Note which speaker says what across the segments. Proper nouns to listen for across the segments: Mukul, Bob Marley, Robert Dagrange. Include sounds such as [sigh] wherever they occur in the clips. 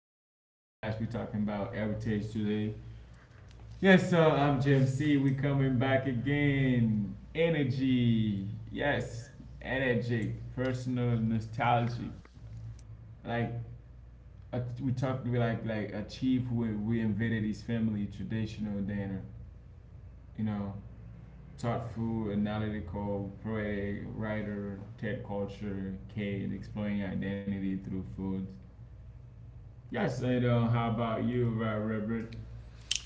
Speaker 1: Up podcast. We're talking about heritage today. Yes, I'm Jim C. We're coming back again. Energy, yes, energetic, personal, nostalgic. Like we talked, we like a chief who reinvented his family traditional dinner. You know, thoughtful, analytical, poetic writer, TED culture, Kate exploring identity through food. How about you, Robert?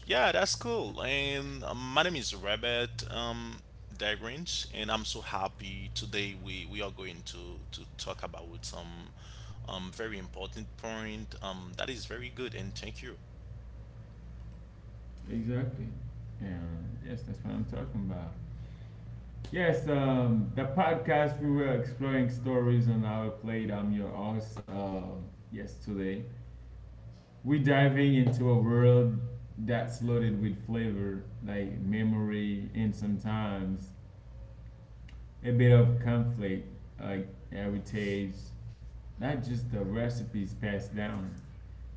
Speaker 2: Yeah, that's cool. And my name is Robert, Dagrange, and I'm so happy today we are going to talk about some, very important point, that is very good, and thank you.
Speaker 1: Exactly. Yeah, yes, that's what I'm talking about. Yes, the podcast we were exploring stories on our plate. I'm your host. Yes, today we're diving into a world that's loaded with flavor, like memory, and sometimes a bit of conflict, like heritage, not just the recipes passed down.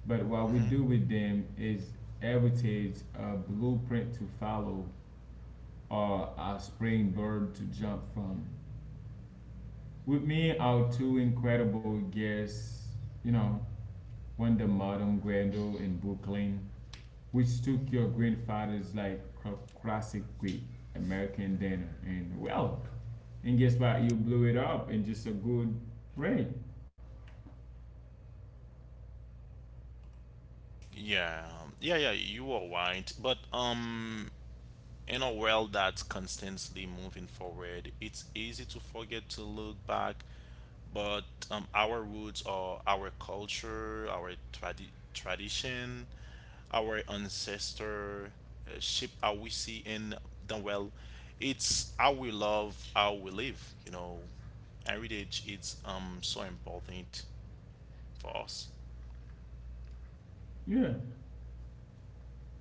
Speaker 1: But what we do with them is heritage a blueprint to follow or a spring bird to jump from. With me, our two incredible guests, you know, one the modern Grendel in Brooklyn, which took your grandfather's like classic Greek American dinner, and well, and guess what? You blew it up in just a good way.
Speaker 2: Yeah, yeah, yeah, you are right. But, in a world that's constantly moving forward, it's easy to forget to look back, but, our roots are our culture, our tradition, our ancestor, shape how we see in the well. It's how we love, how we live. Heritage is so important for us.
Speaker 1: Yeah.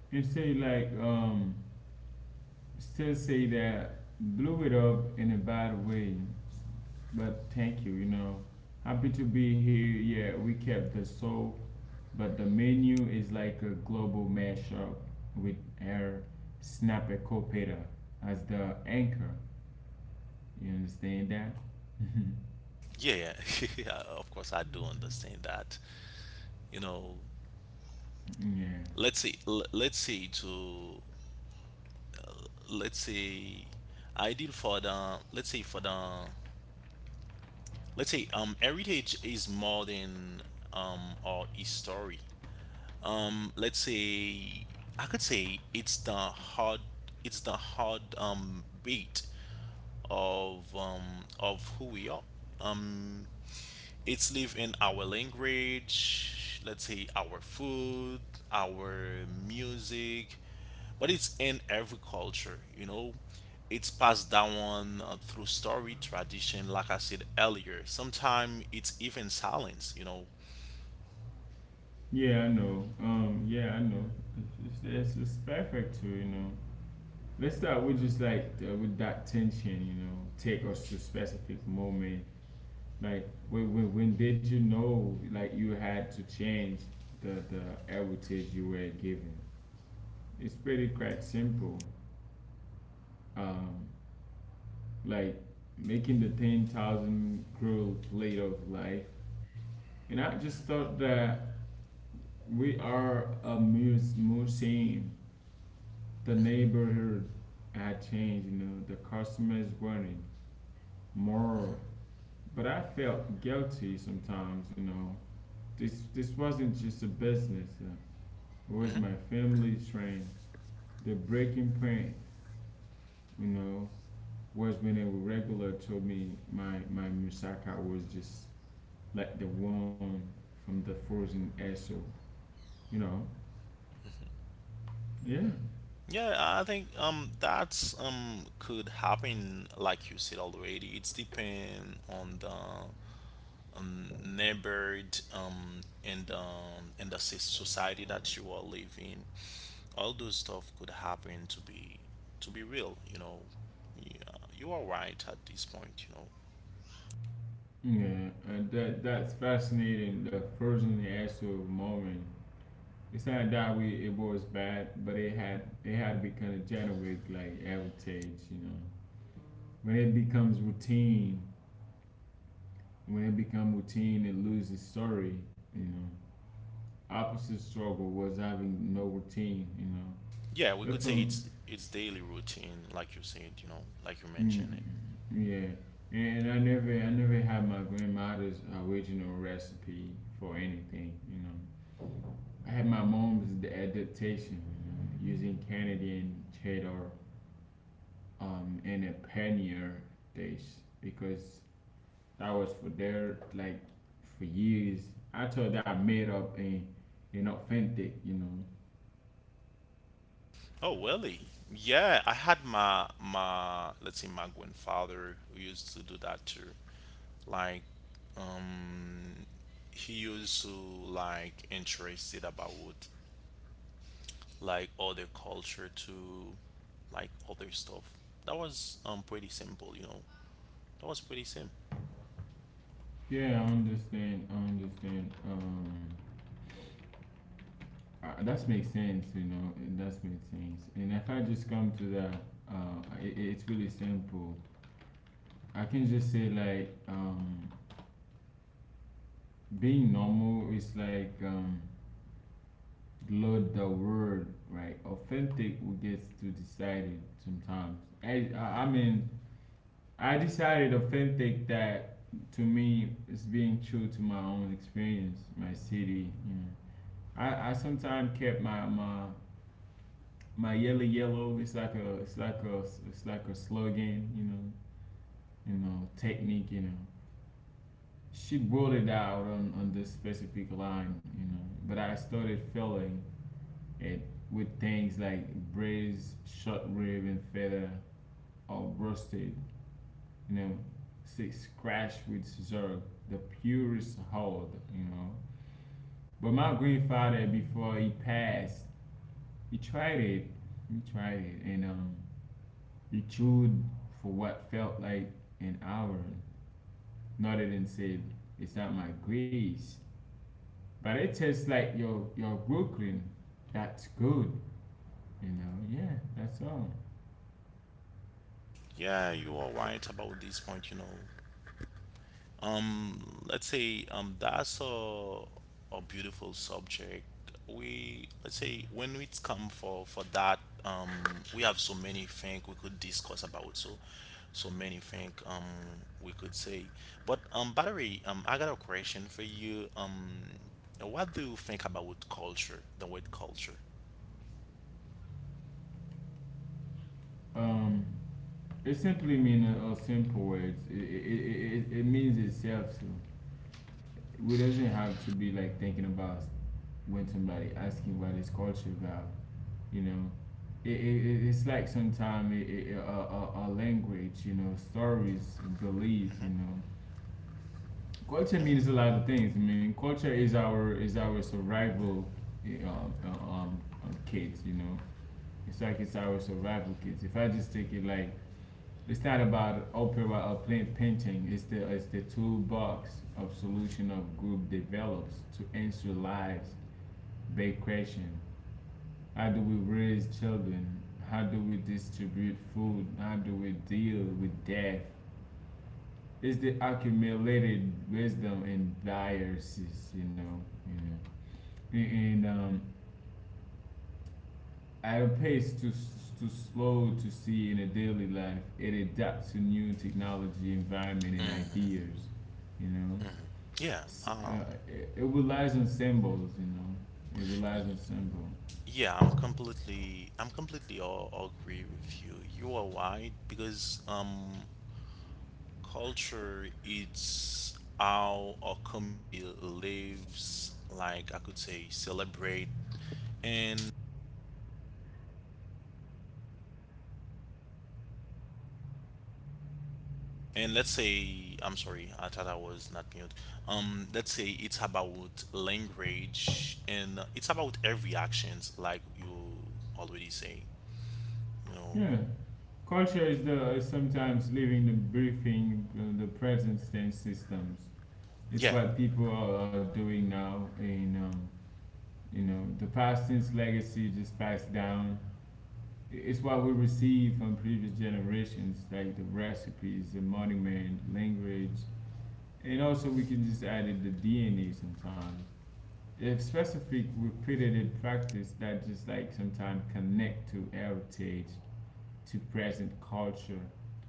Speaker 1: And say still say that blew it up in a bad way, but thank you, you know. Happy to be here. Yeah, we kept the soul, but the menu is like a global mashup with our snapper copeta as the anchor. You understand that?
Speaker 2: Yeah, [laughs] yeah, of course I do understand that. You know,
Speaker 1: [laughs] yeah.
Speaker 2: let's say let's say ideal for the let's say for the let's say, heritage is more than, or history. Let's say I could say it's the hard beat of who we are. um it's live in our language, let's say our food, our music, but it's in every culture. It's passed down, through story, tradition, like I said earlier. Sometimes it's even silence.
Speaker 1: Yeah, I know. Yeah, I know. It's perfect too, you know. Let's start with just with that tension, you know, take us to specific moment. Like when did you know like you had to change the heritage you were given? It's pretty quite simple. Um, like making the 10,000 cruel plate of life, and I just thought that we are a museum. The neighborhood had changed, you know, the customers wanted more, but I felt guilty sometimes, you know. This wasn't just a business. Was
Speaker 2: Hmm.
Speaker 1: my family trained? The breaking point, you know, was when a regular told me my Musaka was just like the one from the frozen esso. You know, yeah,
Speaker 2: Yeah, I think that's, um, could happen like you said already. It's depend on the, neighborhood, and the society that you are living. All those stuff could happen to be real. Yeah, you are right at this point.
Speaker 1: yeah. That's fascinating. The frozen esso moment. It's not that we it was bad, but it had become a generic like heritage. You know, when it becomes routine, when it becomes routine, it loses story. You know, opposite struggle was having no routine. You know,
Speaker 2: yeah, we could
Speaker 1: that's
Speaker 2: say
Speaker 1: some
Speaker 2: it's daily routine like you said, like you
Speaker 1: mm,
Speaker 2: mentioned it.
Speaker 1: yeah. And I never had my grandmother's original recipe for anything. You know, I had my mom's adaptation you know, using Canadian cheddar and a paneer dish because that was for their like for years. I thought that made up and authentic. You know.
Speaker 2: Oh, really? Yeah, I had my my let's say my grandfather who used to do that too. Like, um he used to, like, interested about like other culture to like other stuff. That was, pretty simple, you know. That was pretty simple.
Speaker 1: Yeah, I understand. I understand. That makes sense, you know. That makes sense. And if I just come to that, it's really simple. I can just say being normal is load the word right. Authentic will get to decide it sometimes. I mean, I decided authentic that to me is being true to my own experience, my city. You know, I sometimes kept my yellow yellow. It's like a, it's like a, it's like a slogan, you know, you know, technique, you know, she brought it out on this specific line, you know, but I started feeling it with things like braised short rib and feta or roasted, you know, six scratch with zerk, the purest hold, you know. But my grandfather, before he passed, he tried it, and he chewed for what felt like an hour, nodded and said, it's not my grace. But it tastes like your Brooklyn. That's good, you know. Yeah, that's all.
Speaker 2: Yeah, you are right about this point, you know. Um, let's say, that's a beautiful subject. We let's say when it's come for that, um, we have so many things we could discuss about. So, so many things we could say. But, Battery, I got a question for you. What do you think about culture? The word culture.
Speaker 1: Um, it simply means simple words. It means itself. So we doesn't have to be like thinking about when somebody asking about his culture about. You know, it's like sometimes a language. You know, stories, belief. You know, culture means a
Speaker 2: Hmm.
Speaker 1: lot of things. I mean, culture is our survival uh, uh, um, kit. You know, it's like it's our survival kit. If I just take it like, it's not about opera or plain painting. It's the toolbox of solution of group develops to answer lives big question. How do we raise children? How do we distribute food? How do we deal with death? It's the accumulated wisdom and biases, you know, and, at a pace too too slow to see in a daily life. It adapts to new technology, environment, and ideas,
Speaker 2: Hmm.
Speaker 1: you know.
Speaker 2: Yeah.
Speaker 1: It relies on symbols, you know. It relies on symbols.
Speaker 2: Yeah, I'm completely all agree with you. You are right, because, culture, it's how our community lives, like I could say, celebrate, and and let's say, I'm sorry, I thought I was not mute. Let's say it's about language, and it's about every actions like you already say, you know.
Speaker 1: Yeah, [laughs] culture is the is sometimes leaving the briefing, the present tense systems. It's
Speaker 2: Yeah.
Speaker 1: what people are doing now in. You know, the Protestants' legacy just passed down. It's what we receive from previous generations, like the recipes, the monument, language, and also we can just add in the DNA sometimes. If specific repeated practice that just like sometimes connect to heritage, to present culture,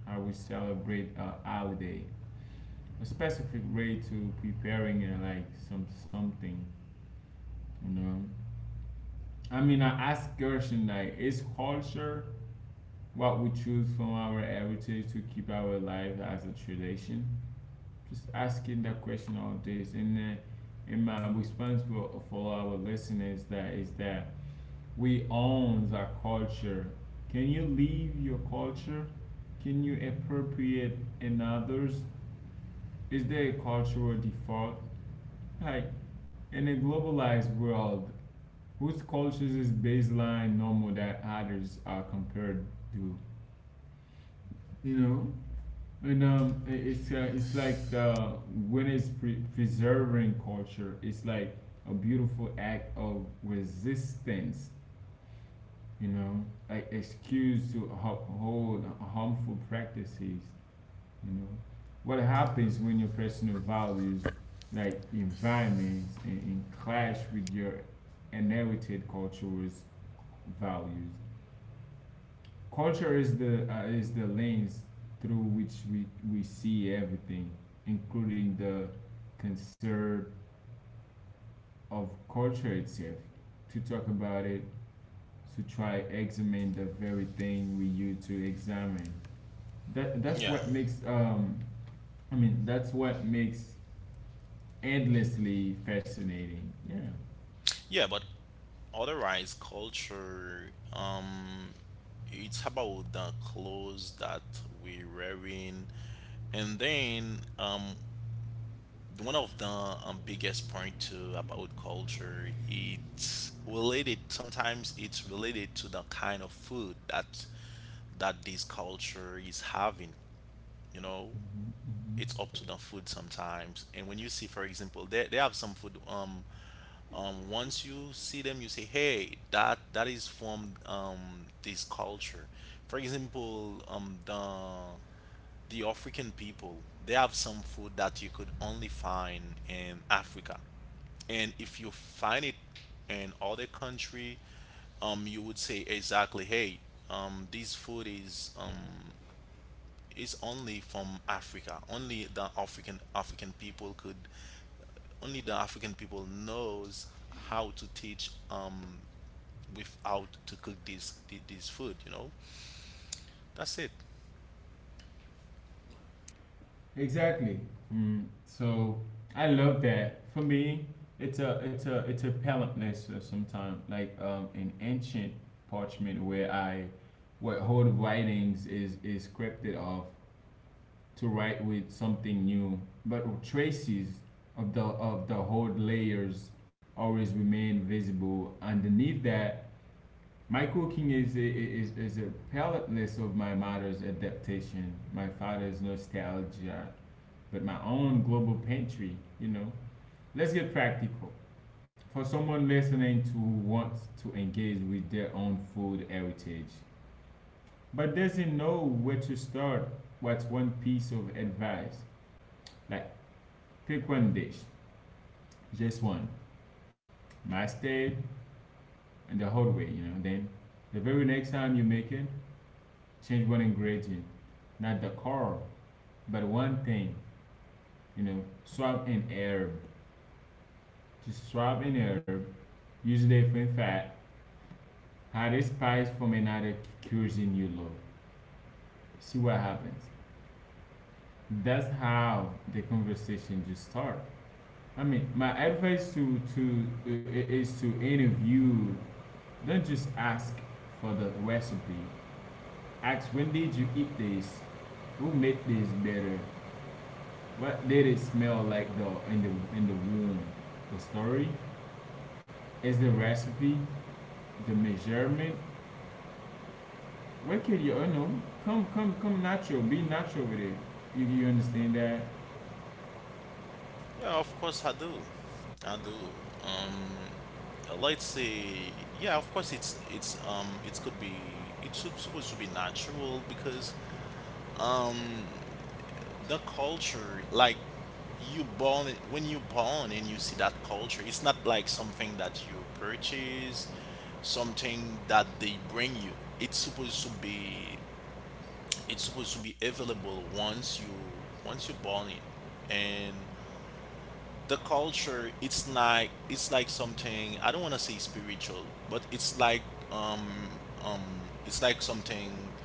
Speaker 1: how we celebrate our holiday, a specific way to preparing and like some something, you know. I mean, I asked Gershon like, is culture what we choose from our heritage to keep our life as a tradition? Just asking that question all days. And my response for our listeners that is that we own our culture. Can you live your culture? Can you appropriate in others? Is there a cultural default? Like in a globalized world, whose cultures is baseline normal that others are compared to? You know, and it's like the when it's preserving culture, it's like a beautiful act of resistance. You know, like excuse to uphold harmful practices. You know, what happens when your personal values, like environments, in clash with your inherited culture's values? Culture is the lens through which we see everything, including the concern of culture itself. To talk about it, to try examine the very thing we use to examine. That's
Speaker 2: Yeah.
Speaker 1: what makes I mean that's what makes endlessly fascinating. Yeah.
Speaker 2: Yeah, but otherwise, culture, it's about the clothes that we're wearing, and then, one of the, biggest point too about culture, it's related. Sometimes it's related to the kind of food that this culture is having. You know,
Speaker 1: Mhm, mhm.
Speaker 2: it's up to the food sometimes. And when you see, for example, they have some food. Once you see them, you say, hey, that is from, this culture. For example, the african people, they have some food that you could only find in Africa. And if you find it in other country, you would say, exactly, hey, this food is, only from Africa. Only the african african people could Only the African people knows how to teach, without to cook this food. You know, that's it.
Speaker 1: Exactly. Mm. So I love that. For me, it's a it's a it's a palentless sometimes an ancient parchment where I where whole writings is scripted off to write with something new, but traces of the whole layers always remain visible underneath that. My cooking is is a palentless of my mother's adaptation, my father's nostalgia, but my own global pantry, you know. Let's get practical. For someone listening to wants to engage with their own food heritage, but doesn't know where to start, what's one piece of advice? Like pick one dish, just one. Master it and the whole way, you know. Then the very next time you make it, change one ingredient, not the car, but one thing, you know. Swap an herb, just swap an herb. Use a different fat. Hire spies from another cuisine you love. See what happens. That's how the conversation just start. I mean, my advice is to interview. Don't just ask for the recipe. Ask when did you eat this? Who made this better? What did it smell like the in the in the womb? The story is the recipe, the measurement, why can't you know, come natural. Be natural with it. You understand that?
Speaker 2: Yeah, of course I do. I do. Um, let's say, yeah. Of course, it's supposed to be natural, because, um the culture, like, you born, when you born and you see that culture, it's not like something that you purchase, something that they bring you. It's supposed to be available once you born in. And the culture, it's like something, I don't want to say spiritual, but it's like something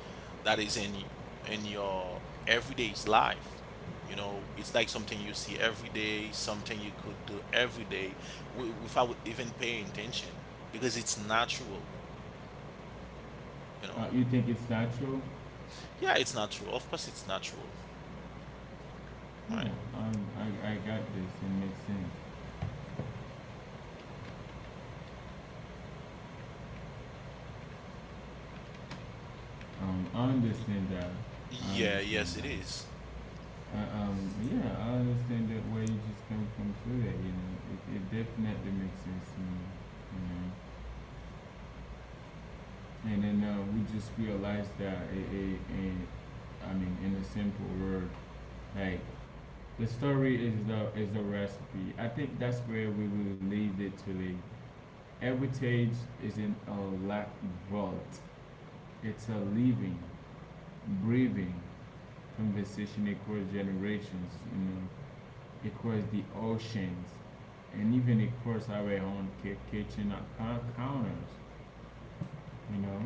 Speaker 2: that is in your everyday's life. You know, it's like something you see every day, something you could do every day, without even paying attention, because it's natural, you
Speaker 1: You
Speaker 2: know.
Speaker 1: think it's natural?
Speaker 2: Yeah, it's natural. Of course it's natural. Right.
Speaker 1: Yeah, I got this. It makes sense. I understand that. I
Speaker 2: Yeah,
Speaker 1: understand
Speaker 2: yes it
Speaker 1: that.
Speaker 2: is.
Speaker 1: Uh, um, yeah, I understand that where you just come from to that. You know, it, definitely makes sense to me. You know, and then we just realized that it, I mean, in a simple word, like the story is the recipe. I think that's where we will leave it today. Heritage isn't a lack vault. It's a living, breathing conversation across generations, you know, across the oceans, and even across our own kitchen counters, you know.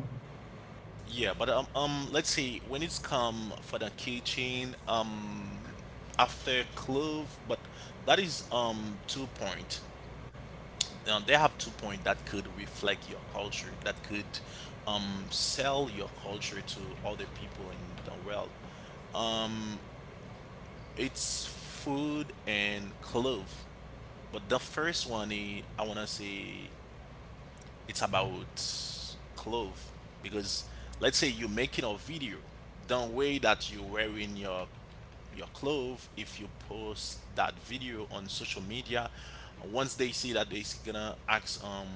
Speaker 2: Yeah, but, let's see. When it's come for the kitchen, after clove, but that is, um, two point. They have two point that could reflect your culture, that could, sell your culture to other people in the world. Um, it's food and clove, but the first one, I wanna say, it's about clothes. Because, let's say you're making a video, don't way that you're wearing your clothes, if you post that video on social media, once they see that, they're gonna ask um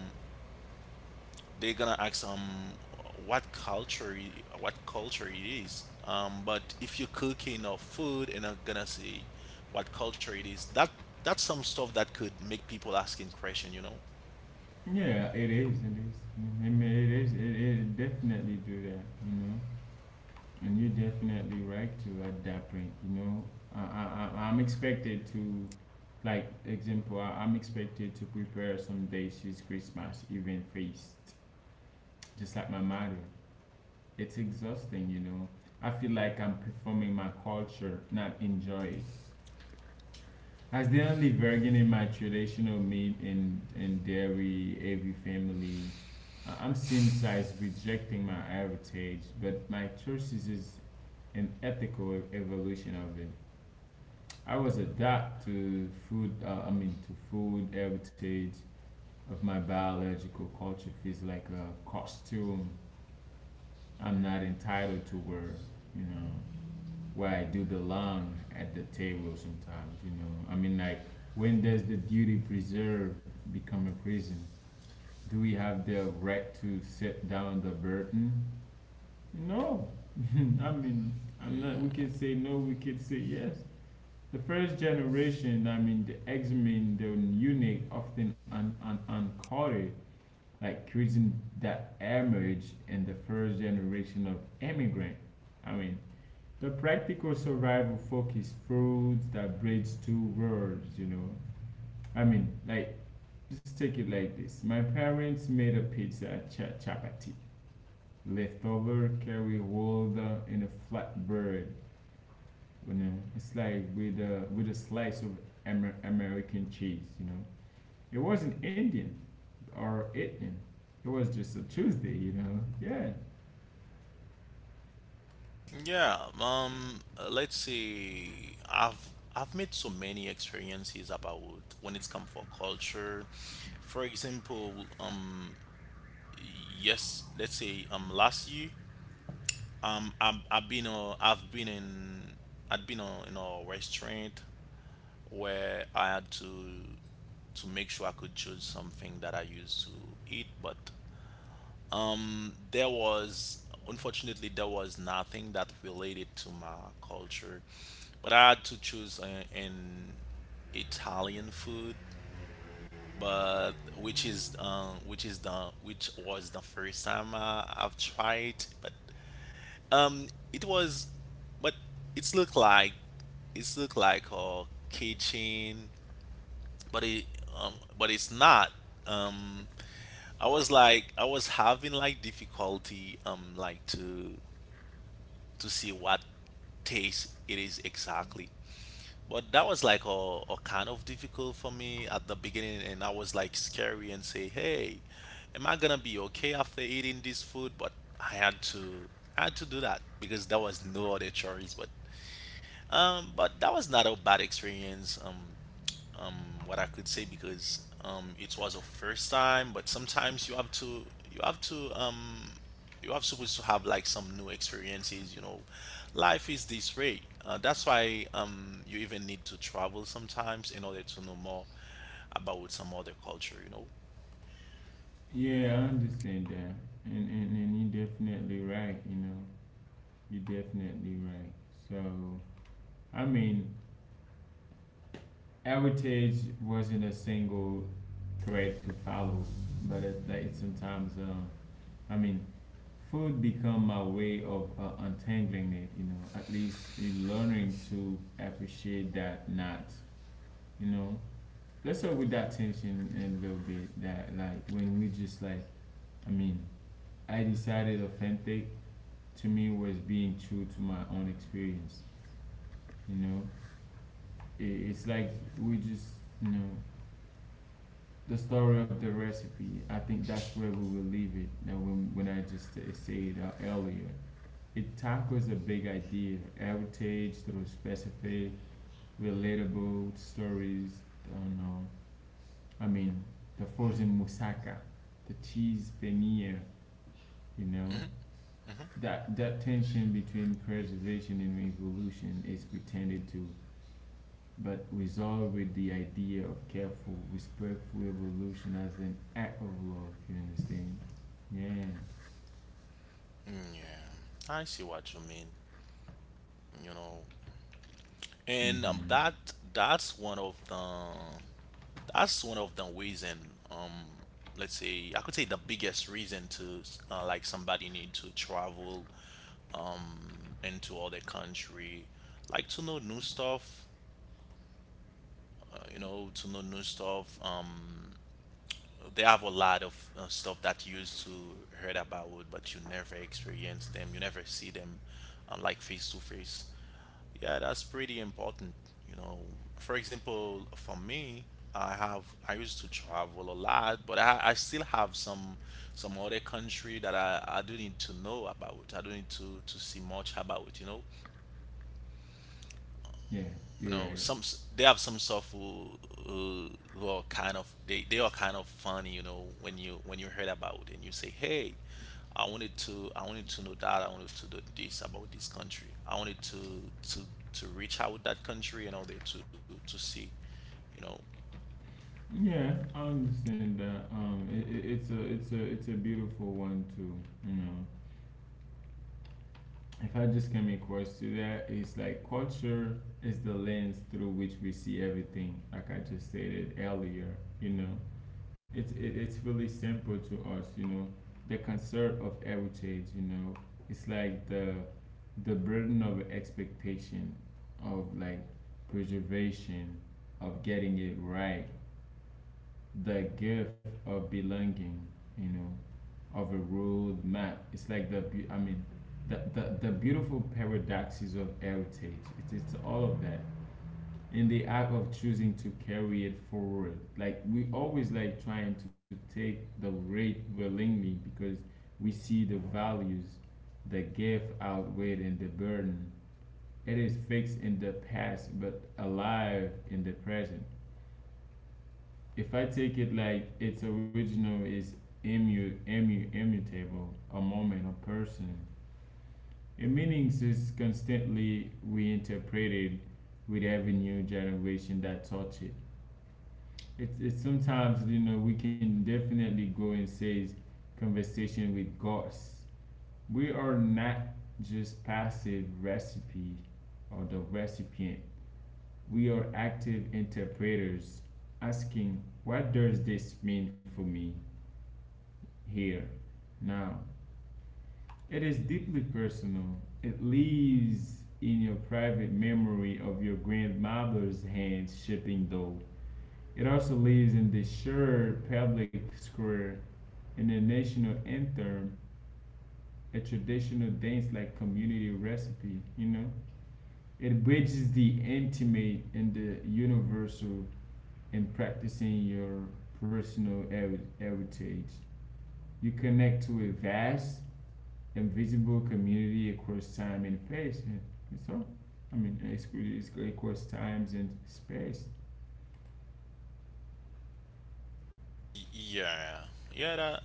Speaker 2: they're gonna ask um what culture it is. But if you're cooking or food, and are gonna see what culture it is, that's some stuff that could make people asking question.
Speaker 1: Yeah, it is. It is. I mean, it is. It definitely do that, you know. And you're definitely right to adapt, right? You know, I'm expected to, like, example, I, I'm expected to prepare some dishes, Christmas even feast, just like my mother. It's exhausting, you know. I feel like I'm performing my culture, not enjoy it. As the only virgin in my traditional meat and dairy every family, I'm same size rejecting my heritage, but my choices is an ethical evolution of it. I was adapt to food. I mean, to food heritage of my biological culture feels like a costume. I'm not entitled to wear. You know where I do belong at the table. Sometimes you know. When does the duty preserve become a prison? Do we have the right to set down the burden? No. [laughs] I mean, I'm not. We can
Speaker 2: yeah.
Speaker 1: say no. We can say yes. The first generation, the X-Men, the eunuch, often uncoded, like cuisine that emerged in the first generation of immigrant. I mean, the practical survival focus foods that bridge two worlds. I mean, like, just take it like this. My parents made a pizza, chapati, leftover, carry rolled in a flatbread. You know, it's like with a slice of American cheese, you know. It wasn't Indian or Indian, it was just a Tuesday, you know. Yeah,
Speaker 2: Yeah, let's see. I've made so many experiences about when it's come for culture. For example, yes, let's say, um, last year, um, I've I've been uh, I've been in I'd been in a restaurant, where I had to make sure I could choose something that I used to eat. But, there was unfortunately there was nothing that related to my culture, but I had to choose an Italian food, but, which was the first time I've tried. But, it was, but it's look like it's look like a kitchen, but it's not. um I was like I was having, like, difficulty, like to see what taste it is exactly. But that was like a kind of difficult for me at the beginning, and I was like scary, and say, hey, am I gonna be okay after eating this food? But i had to I had to do that, because there was no other choice. But, but that was not a bad experience. What I could say, because, it was a first time. But sometimes you have to, um, you have supposed to have, like, some new experiences. Life is this way. That's why, you even need to travel sometimes in order to know more about some other culture.
Speaker 1: yeah, I understand that. And you're definitely right, you know, you're definitely right. So I mean heritage wasn't a single thread to follow, but it, like sometimes I mean, food become my way of untangling it, you know, at least you learning to appreciate that not, you know. Let's start with that tension in a little bit that like when we just like, I mean, I decided authentic to me was being true to my own experience, you know. It's like we just, you know, the story of the recipe. I think that's where we will leave it. Now when I just said stated earlier it tackles a big idea, heritage through specific, relatable stories. You know, I mean, the frozen moussaka, the cheese paneer, you know.
Speaker 2: Hmm.
Speaker 1: That tension between preservation and evolution is pretended to, but resolved with the idea of careful, respectful evolution as an act of love, you understand? Yeah.
Speaker 2: Yeah, I see what you mean. You know, and
Speaker 1: Hmm.
Speaker 2: that that's one of the that's one of the reason, um, let's say I could say the biggest reason to, like somebody need to travel, into other country, like to know new stuff, to know new stuff. They have a lot of, stuff that you used to heard about, but you never experience them, you never see them, like face to face. Yeah, that's pretty important. You know, for example, for me, I used to travel a lot, but I still have some other country that I do need to know about. I do not need to see much about.
Speaker 1: Yeah,
Speaker 2: you
Speaker 1: you're
Speaker 2: know
Speaker 1: right.
Speaker 2: some s- they have some stuff who, who are kind of, they are kind of funny, when you heard about it, and you say, hey, I wanted to know that. I wanted to do this about this country. I wanted to to reach out that country in order to see you know
Speaker 1: Yeah, I understand that. It's a it's a beautiful one too. You know, if I just come across to that, it's like culture is the lens through which we see everything. Like I just stated earlier, you know, it's really simple to us. You know, the concern of heritage. You know, it's like the burden of expectation of like preservation of getting it right, the gift of belonging, you know, of a road map. It's like the the, the beautiful paradoxes of heritage. It's all of that in the act of choosing to carry it forward, like we always like trying to take the rate willingly because we see the values, the gift outweighed in the burden. It is fixed in the past but alive in the present. If I take it like its original is immutable, a moment, a person. Its meanings is constantly reinterpreted with every new generation that touch it. It's sometimes, you know, we can definitely go and say conversation with gods. We are not just passive recipe or the recipient. We are active interpreters asking what does this mean for me? Here, now. It is deeply personal. It lives in your private memory of your grandmother's hands shipping dough. It also lives in the shared public square in the national anthem, a traditional dance like community recipe, you know? It bridges the intimate and the universal in practicing your personal heritage. You connect to a vast a visible community across time and space. And so, it's across times and space.
Speaker 2: Yeah, yeah,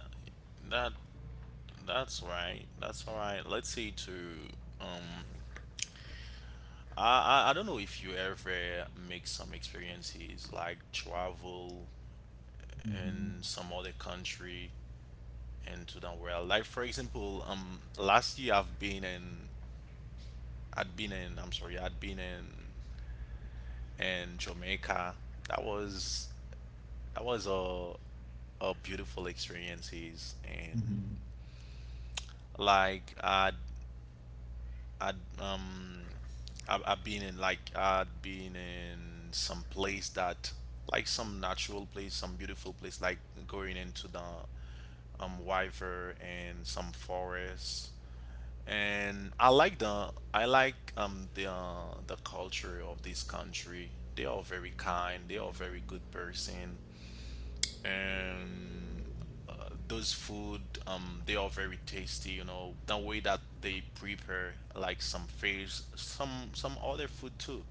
Speaker 2: that that's right. That's all right. Let's say to. um I don't know if you ever make some experiences like travel
Speaker 1: Mm-hmm.
Speaker 2: in some other country into the world. Like for example, last year I've been in, I'd been in, I'm sorry, I'd been in Jamaica. That was that was a beautiful experiences, and,
Speaker 1: Mhm.
Speaker 2: like, I'd um I've been in, like, I'd been in some place that, like, some natural place, some beautiful place, like going into the, wyver, and some forest. And I like the I like the culture of this country. They are very kind. They are very good person, and, uh, those food, they are very tasty. You know the way that they prepare, like, some fish, some other food too.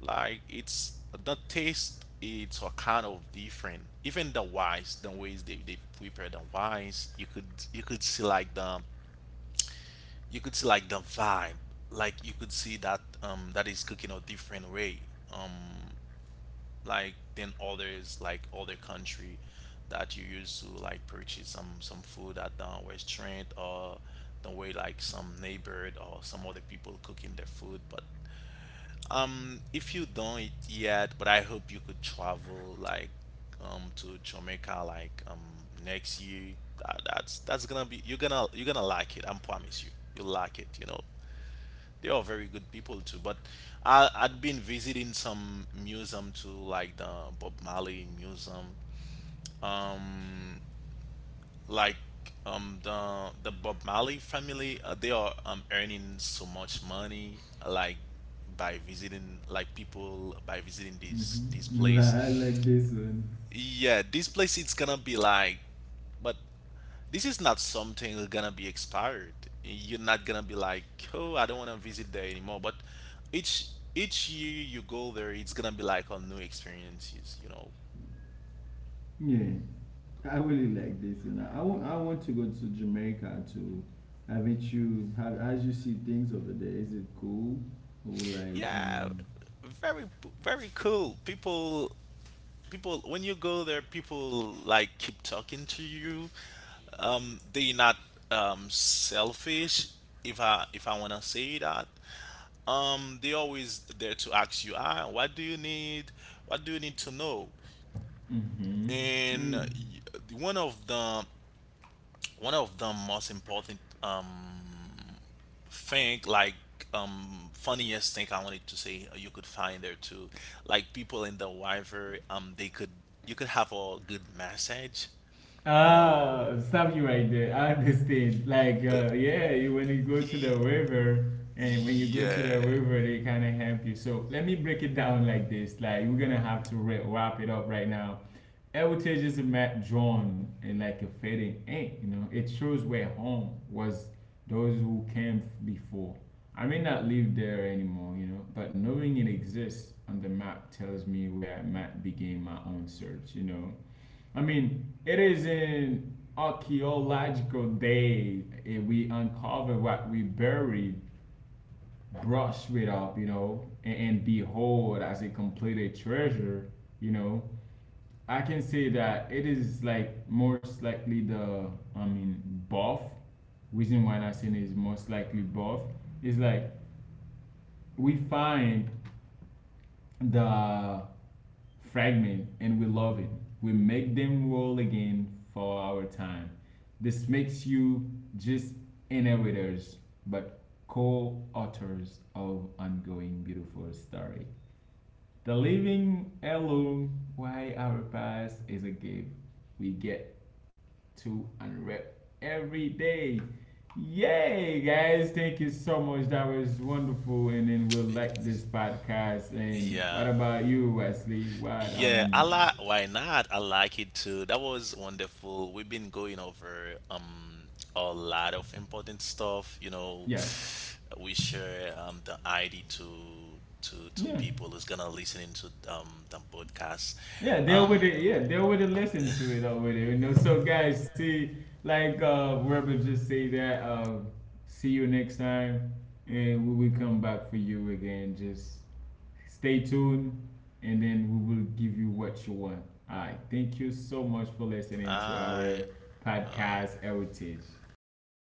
Speaker 2: Like, it's the taste, it's a kind of different. Even the wise, the ways they prepare the wise, you could see like the vibe. Like, you could see that is cooking a different way, um like than others, like other country that you used to, like, purchase some food at the restaurant, or the way, like, some neighbor or some other people cooking their food. But, If you don't it yet, but I hope you could travel, like, to Jamaica, like, next year. That's gonna be, you're gonna like it, I promise you. You'll like it. They are very good people too. But I'd been visiting some museum too, like the Bob Marley museum. Um, like the Bob Marley family, they are, earning so much money, like, by visiting, like people, by visiting this
Speaker 1: I
Speaker 2: place.
Speaker 1: like this one.
Speaker 2: Yeah, this place it's gonna be like, but this is not something that's gonna be expired. You're not gonna be like, oh, I don't wanna visit there anymore. But each each year you go there, it's gonna be like on new experiences.
Speaker 1: Yeah, I really like this one. I want to go to Jamaica too. Haven't you? Have as you see things over there? Is it cool or like?
Speaker 2: Yeah,
Speaker 1: Mm.
Speaker 2: very very cool. People, when you go there, people like keep talking to you. They're not, um, selfish. If I wanna say that, they always there to ask you, what do you need? What do you need to know? And,
Speaker 1: Mm-hmm.
Speaker 2: the, one of the most important, thing, like, funniest thing I wanted to say, you could find there too, like, people in the Wyver, they could you could have a good message you know
Speaker 1: Ah, something like that. I understand. Like, yeah, you, when you go to the
Speaker 2: Ye-
Speaker 1: river, and when you go to
Speaker 2: yeah
Speaker 1: the river, they kind of help you. So let me break it down like this. Like, we're gonna have to wrap it up right now. Heritage is a map drawn in like a fading ink. You know, it shows where home was, those who came before. I may not live there anymore, you know, but knowing it exists on the map tells me where I might begin my own search. You know. I mean, it is an archaeological day. And we uncover what we buried, brush it up, you know, and behold, as a completed treasure, you know. I can say that it is like most likely I mean, buff. Reason why I'm saying is most likely buff is like we find the fragment and we love it. We make them roll again for our time. This makes you just innovators, but co-authors of ongoing beautiful story. The living heirloom why our past is a gift we get to unwrap every day. Yay, guys! Thank you so much. That was wonderful. And then we'll like this podcast. And what
Speaker 2: yeah.
Speaker 1: about you, Wesley? What
Speaker 2: Yeah, I like, why not? I like it too. That was wonderful. We've been going over, a lot of important stuff.
Speaker 1: yes.
Speaker 2: We share, the ID to
Speaker 1: Yeah.
Speaker 2: people who's gonna listen into, the podcast.
Speaker 1: Yeah, they'll
Speaker 2: Um
Speaker 1: with it. Yeah, they'll with it. Listen to it already. You know, some guys see like Rebel just say that. See you next time, and we will come back for you again. Just stay tuned, and then we will give you what you want. All right. Thank you so much for listening to
Speaker 2: I
Speaker 1: our
Speaker 2: uh
Speaker 1: podcast heritage.
Speaker 2: alright.